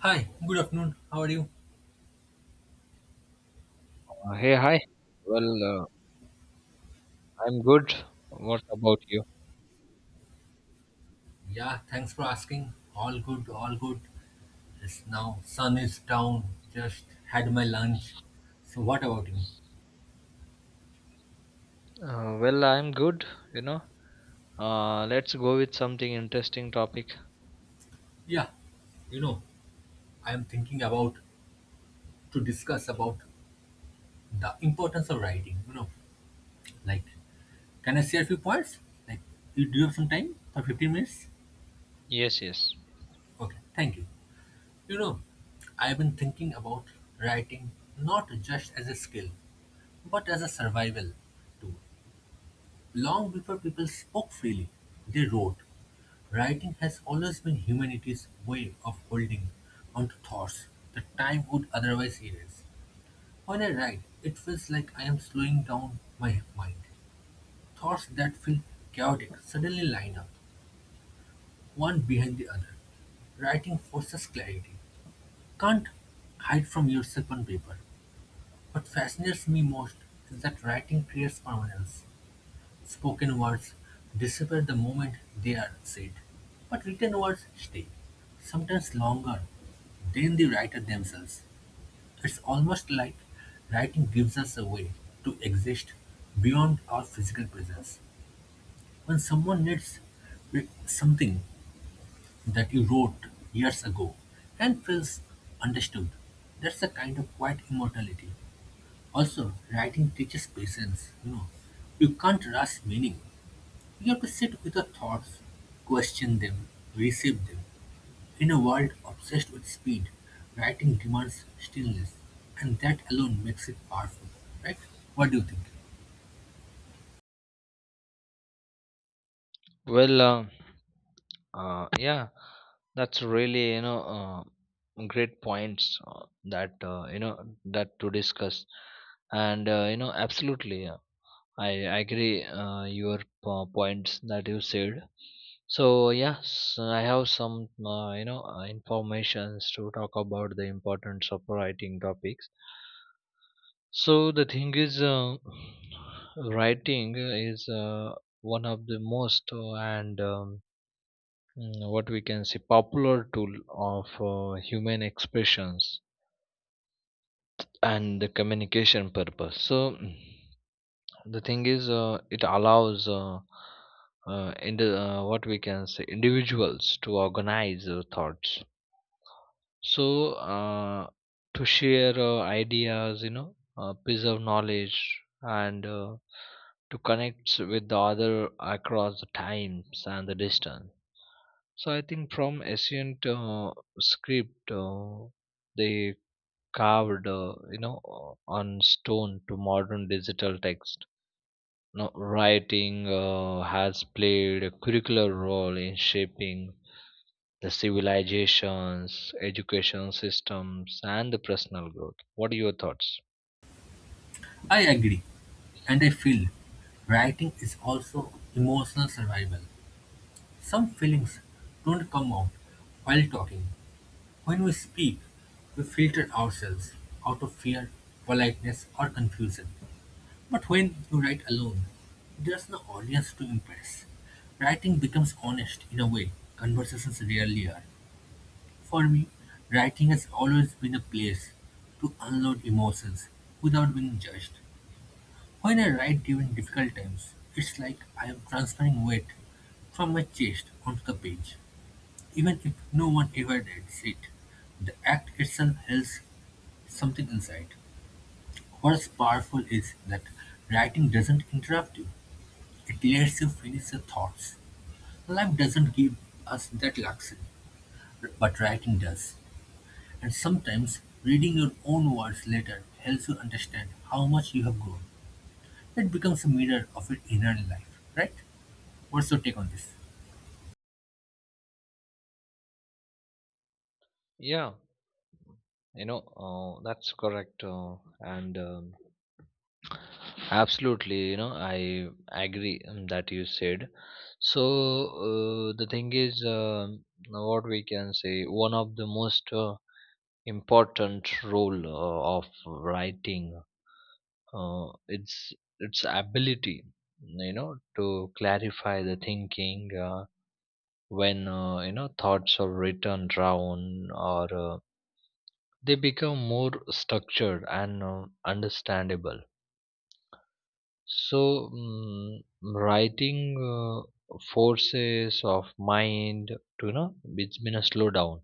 Hi, good afternoon. How are you? Hey, hi. Well, uh, I'm good. What about you? Yeah, thanks for asking. All good, all good. It's now sun is down. Just had my lunch. So what about you? I'm good. You know, let's go with something interesting topic. Yeah, you know, I am thinking about to discuss about the importance of writing. Like, can I share a few points? Like, you Do you have some time for 15 minutes? Yes, yes. Okay, thank you. You know, I've been thinking about writing not just as a skill, but as a survival tool. Long before people spoke freely, they wrote. Writing has always been humanity's way of holding onto thoughts that time would otherwise erase. When I write, it feels like I am slowing down my mind. Thoughts that feel chaotic suddenly line up, one behind the other. Writing forces clarity. Can't hide from yourself on paper. What fascinates me most is that writing creates permanence. Spoken words disappear the moment they are said, but written words stay, sometimes longer than the writer themselves. It's almost like writing gives us a way to exist beyond our physical presence. When someone reads something that you wrote years ago and feels understood, that's a kind of quiet immortality. Also, writing teaches patience. You can't rush meaning you have to sit with your thoughts, question them, receive them. In a world obsessed with speed, writing demands stillness, and that alone makes it powerful, right? What do you think? Well, um uh, yeah, that's really great points that that to discuss, and absolutely. Yeah. I agree your points that you said. So yes, I have some informations to talk about the importance of writing topics. So the thing is, writing is one of the most what we can say popular tool of human expressions and the communication purpose. So. The thing is it allows in the what we can say individuals to organize their thoughts so to share ideas preserve knowledge and to connect with the other across the times and the distance. So I think from ancient script they carved on stone to modern digital text. Now, writing has played a curricular role in shaping the civilizations, education systems, and the personal growth. What are your thoughts? I agree, and I feel writing is also emotional survival. Some feelings don't come out while talking. When we speak, we filter ourselves out of fear, politeness, or confusion. But when you write alone, there's no audience to impress. Writing becomes honest in a way conversations rarely are. For me, writing has always been a place to unload emotions without being judged. When I write during difficult times, it's like I am transferring weight from my chest onto the page, even if no one ever reads it. The act itself holds something inside. What's powerful is that writing doesn't interrupt you. It lets you finish your thoughts. Life doesn't give us that luxury, but writing does. And sometimes reading your own words later helps you understand how much you have grown. It becomes a mirror of your inner life, right? What's your take on this? Yeah, that's correct. And absolutely, you know, I agree that you said. So, the thing is, what we can say, one of the most important role of writing uh, its its ability you know to clarify the thinking when thoughts are written down or they become more structured and understandable. So mm writing uh, forces of mind to you know it's been a slowdown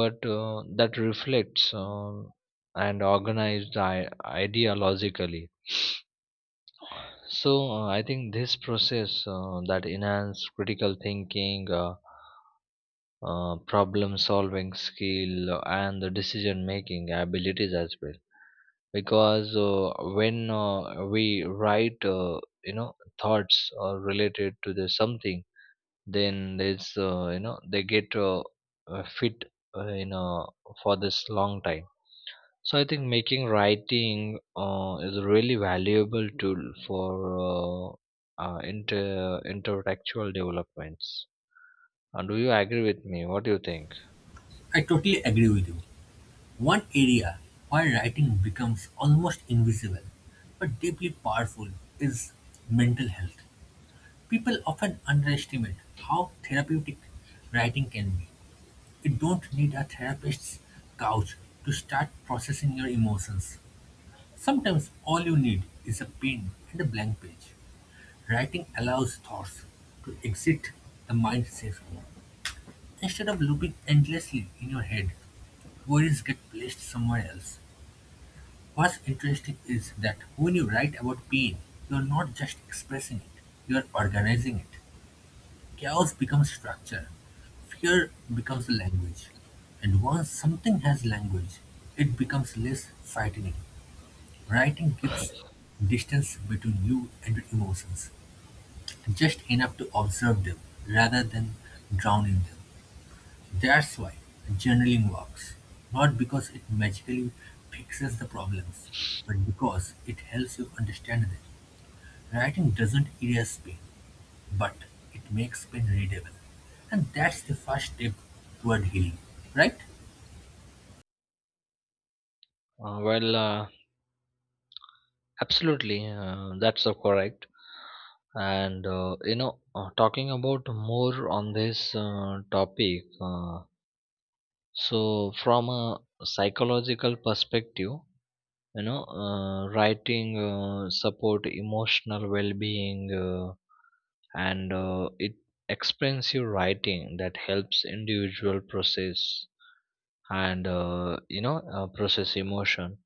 but that reflects and organized ideologically. So I think this process that enhance critical thinking, problem solving skill, and the decision making abilities as well. Because when we write, thoughts related to the something, then there's they get fit in for this long time. So I think making writing is a really valuable tool for inter intellectual developments. Do you agree with me? What do you think? I totally agree with you. One area where writing becomes almost invisible but deeply powerful is mental health. People often underestimate how therapeutic writing can be. You don't need a therapist's couch to start processing your emotions. Sometimes all you need is a pen and a blank page. Writing allows thoughts to exit the mind safely. Instead of looping endlessly in your head, worries get placed somewhere else. What's interesting is that when you write about pain, you are not just expressing it, you are organizing it. Chaos becomes structure, fear becomes language, and once something has language, it becomes less frightening. Writing gives distance between you and your emotions, just enough to observe them rather than drown in them. That's why journaling works, not because it magically fixes the problems, but because it helps you understand them. Writing doesn't erase pain, but it makes pain readable, and that's the first step toward healing, right? Uh, well, uh, absolutely, that's so correct. And talking about more on this topic, so from a psychological perspective, writing support emotional well-being and it expensive writing that helps individual process and process emotion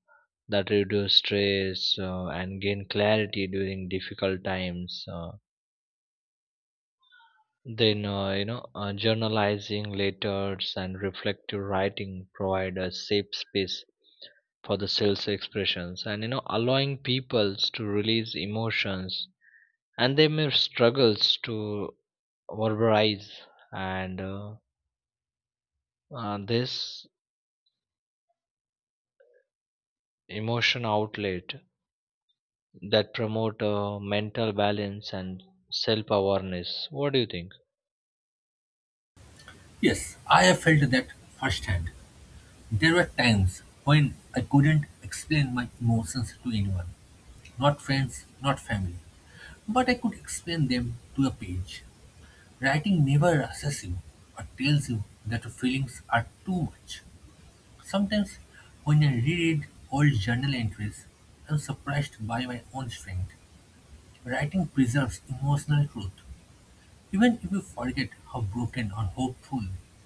that reduce stress and gain clarity during difficult times. Then you know Journalizing letters and reflective writing provide a safe space for the sales expressions and you know allowing people to release emotions and they may struggles to verbalize, and this emotion outlet that promote mental balance and self awareness. What do you think? Yes, I have felt that firsthand. There were times when I couldn't explain my emotions to anyone, not friends, not family, but I could explain them to a page. Writing never rushes you or tells you that your feelings are too much. Sometimes, when I reread old journal entries, I'm surprised by my own strength. Writing preserves emotional truth. Even if you forget how broken or hopeful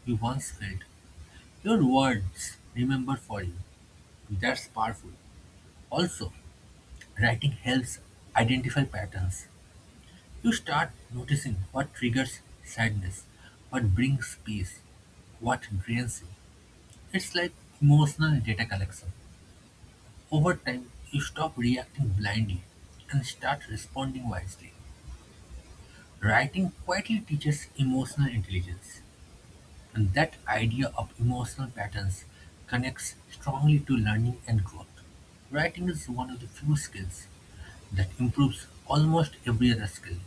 you once felt, your words remember for you. That's powerful. Also, writing helps identify patterns. You start noticing what triggers sadness, what brings peace, what drains you. It's like emotional data collection. Over time, you stop reacting blindly and start responding wisely. Writing quietly teaches emotional intelligence. And that idea of emotional patterns connects strongly to learning and growth. Writing is one of the few skills that improves almost every other skill.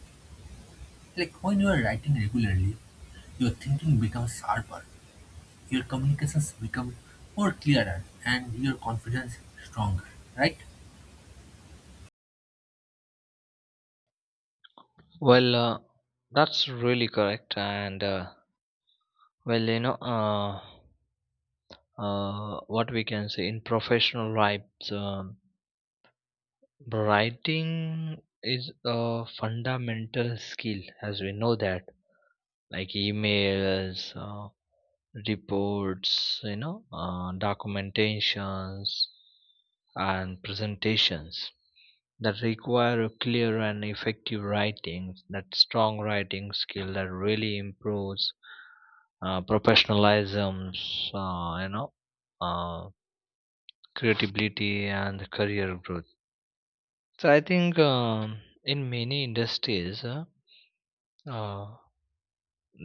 Like when you are writing regularly, your thinking becomes sharper, your communications become more clearer, and your confidence stronger, right? well uh, that's really correct. And well you know What we can say, in professional lives, writing is a fundamental skill, as we know that, like emails, reports, documentations, and presentations that require a clear and effective writing, that strong writing skill that really improves professionalism, uh, you know, uh, creativity and career growth. So I think in many industries. Uh,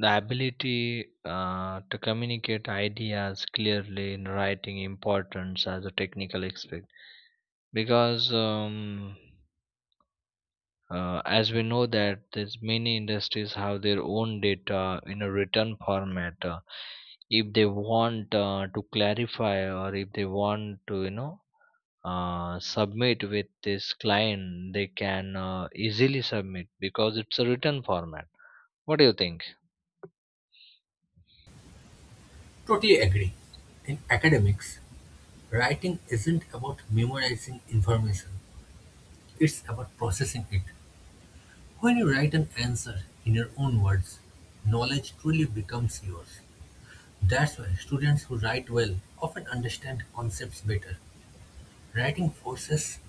the ability to communicate ideas clearly in writing importance as a technical aspect because as we know that there's many industries have their own data in a written format. If they want to clarify or if they want to you know submit with this client, they can easily submit because it's a written format. What do you think? Totally agree. In academics, writing isn't about memorizing information, it's about processing it. When you write an answer in your own words, knowledge truly becomes yours. That's why students who write well often understand concepts better. Writing forces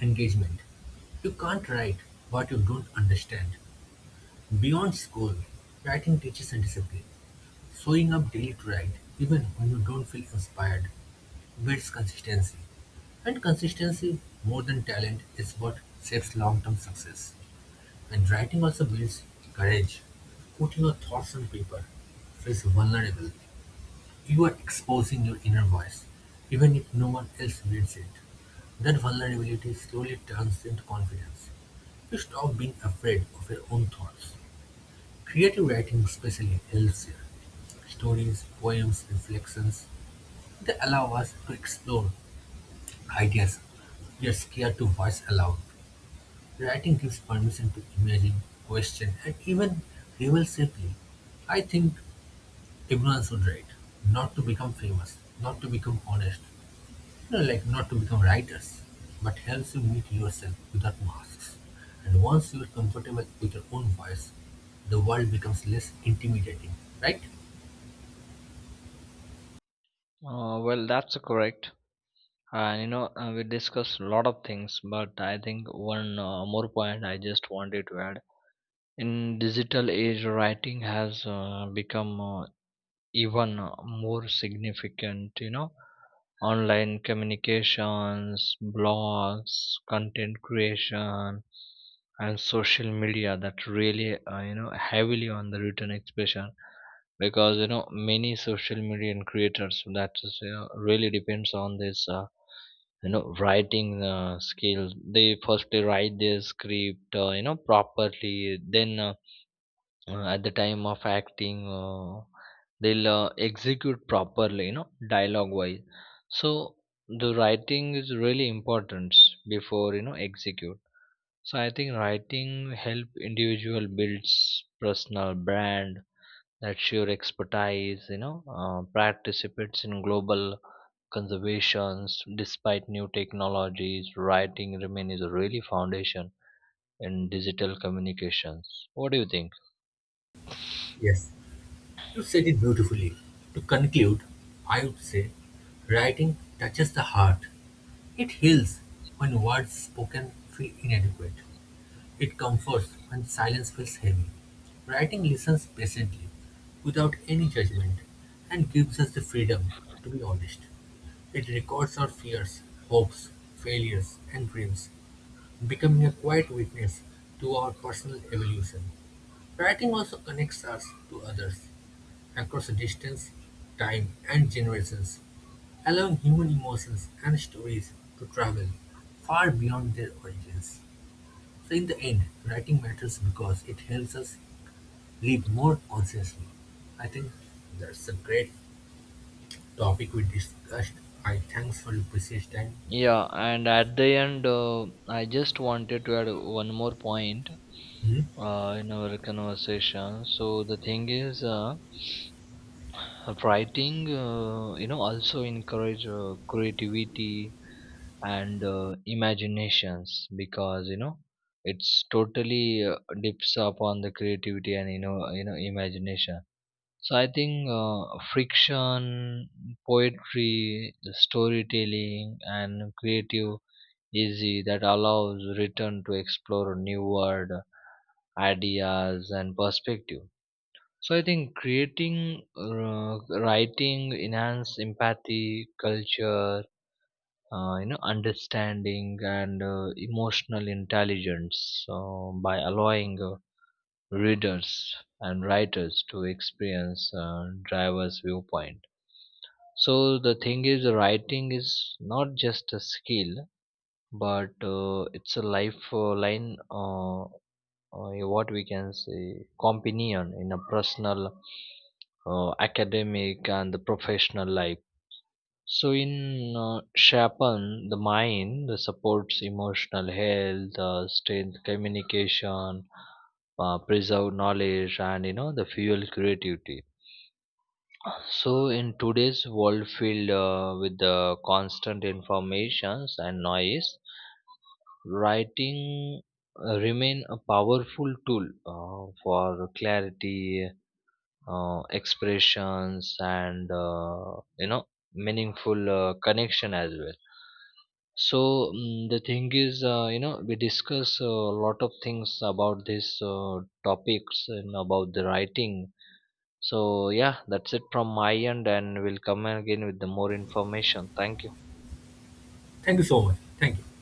engagement. You can't write what you don't understand. Beyond school, writing teaches a discipline. Showing up daily to write, even when you don't feel inspired, builds consistency. And consistency, more than talent, is what shapes long term success. And writing also builds courage. Putting your thoughts on paper feels vulnerable. You are exposing your inner voice, even if no one else reads it. That vulnerability slowly turns into confidence. You stop being afraid of your own thoughts. Creative writing especially helps here. Stories, poems, reflections, they allow us to explore ideas we are scared to voice aloud. Writing gives permission to imagine, question, and even rebel safely. I think everyone should write, not to become famous, not to become honest, you know, like not to become writers, but helps you meet yourself without masks. And once you are comfortable with your own voice, the world becomes less intimidating, right? That's correct. And you know, we discussed a lot of things, but I think one more point I just wanted to add. In digital age, writing has become even more significant. You know, online communications, blogs, content creation, and social media that really you know heavily on the written expression, because you know many social media and creators that is you know really depends on this writing skill. They firstly write their script you know properly, then at the time of acting they'll execute properly you know dialogue wise. So the writing is really important before you know execute. So I think writing help individual builds personal brand, that's your expertise, you know participates in global conservations. Despite new technologies, writing remains a really foundation in digital communications. What do you think? Yes. You said it beautifully. To conclude, I would say writing touches the heart. It heals when words spoken feel inadequate. It comforts when silence feels heavy. Writing listens patiently, without any judgment, and gives us the freedom to be honest. It records our fears, hopes, failures, and dreams, becoming a quiet witness to our personal evolution. Writing also connects us to others across distance, time, and generations, allowing human emotions and stories to travel far beyond their origins. So in the end, writing matters because it helps us live more consciously. I think that's a great topic we discussed. I thanks for your precious time. Yeah, and at the end, I just wanted to add one more point Mhm. In our conversation. So the thing is, writing, also encourage creativity and imaginations, because you know it's totally dips upon the creativity and you know imagination. So I think friction, poetry, storytelling, and creative easy that allows return to explore new world ideas and perspective. So I think creating writing enhance empathy culture, understanding and emotional intelligence by allowing readers and writers to experience driver's viewpoint. So the thing is writing is not just a skill but it's a lifeline, what we can say, companion in a personal, academic and the professional life. So in shapan the mind, the supports emotional health, strength communication, preserve knowledge and you know the fuel creativity. So in today's world filled with the constant informations and noise, writing remain a powerful tool for clarity, expressions, and meaningful connection as well. So the thing is, we discuss a lot of things about these topics and about the writing. So yeah, that's it from my end, and we'll come again with the more information. Thank you. Thank you so much. Thank you.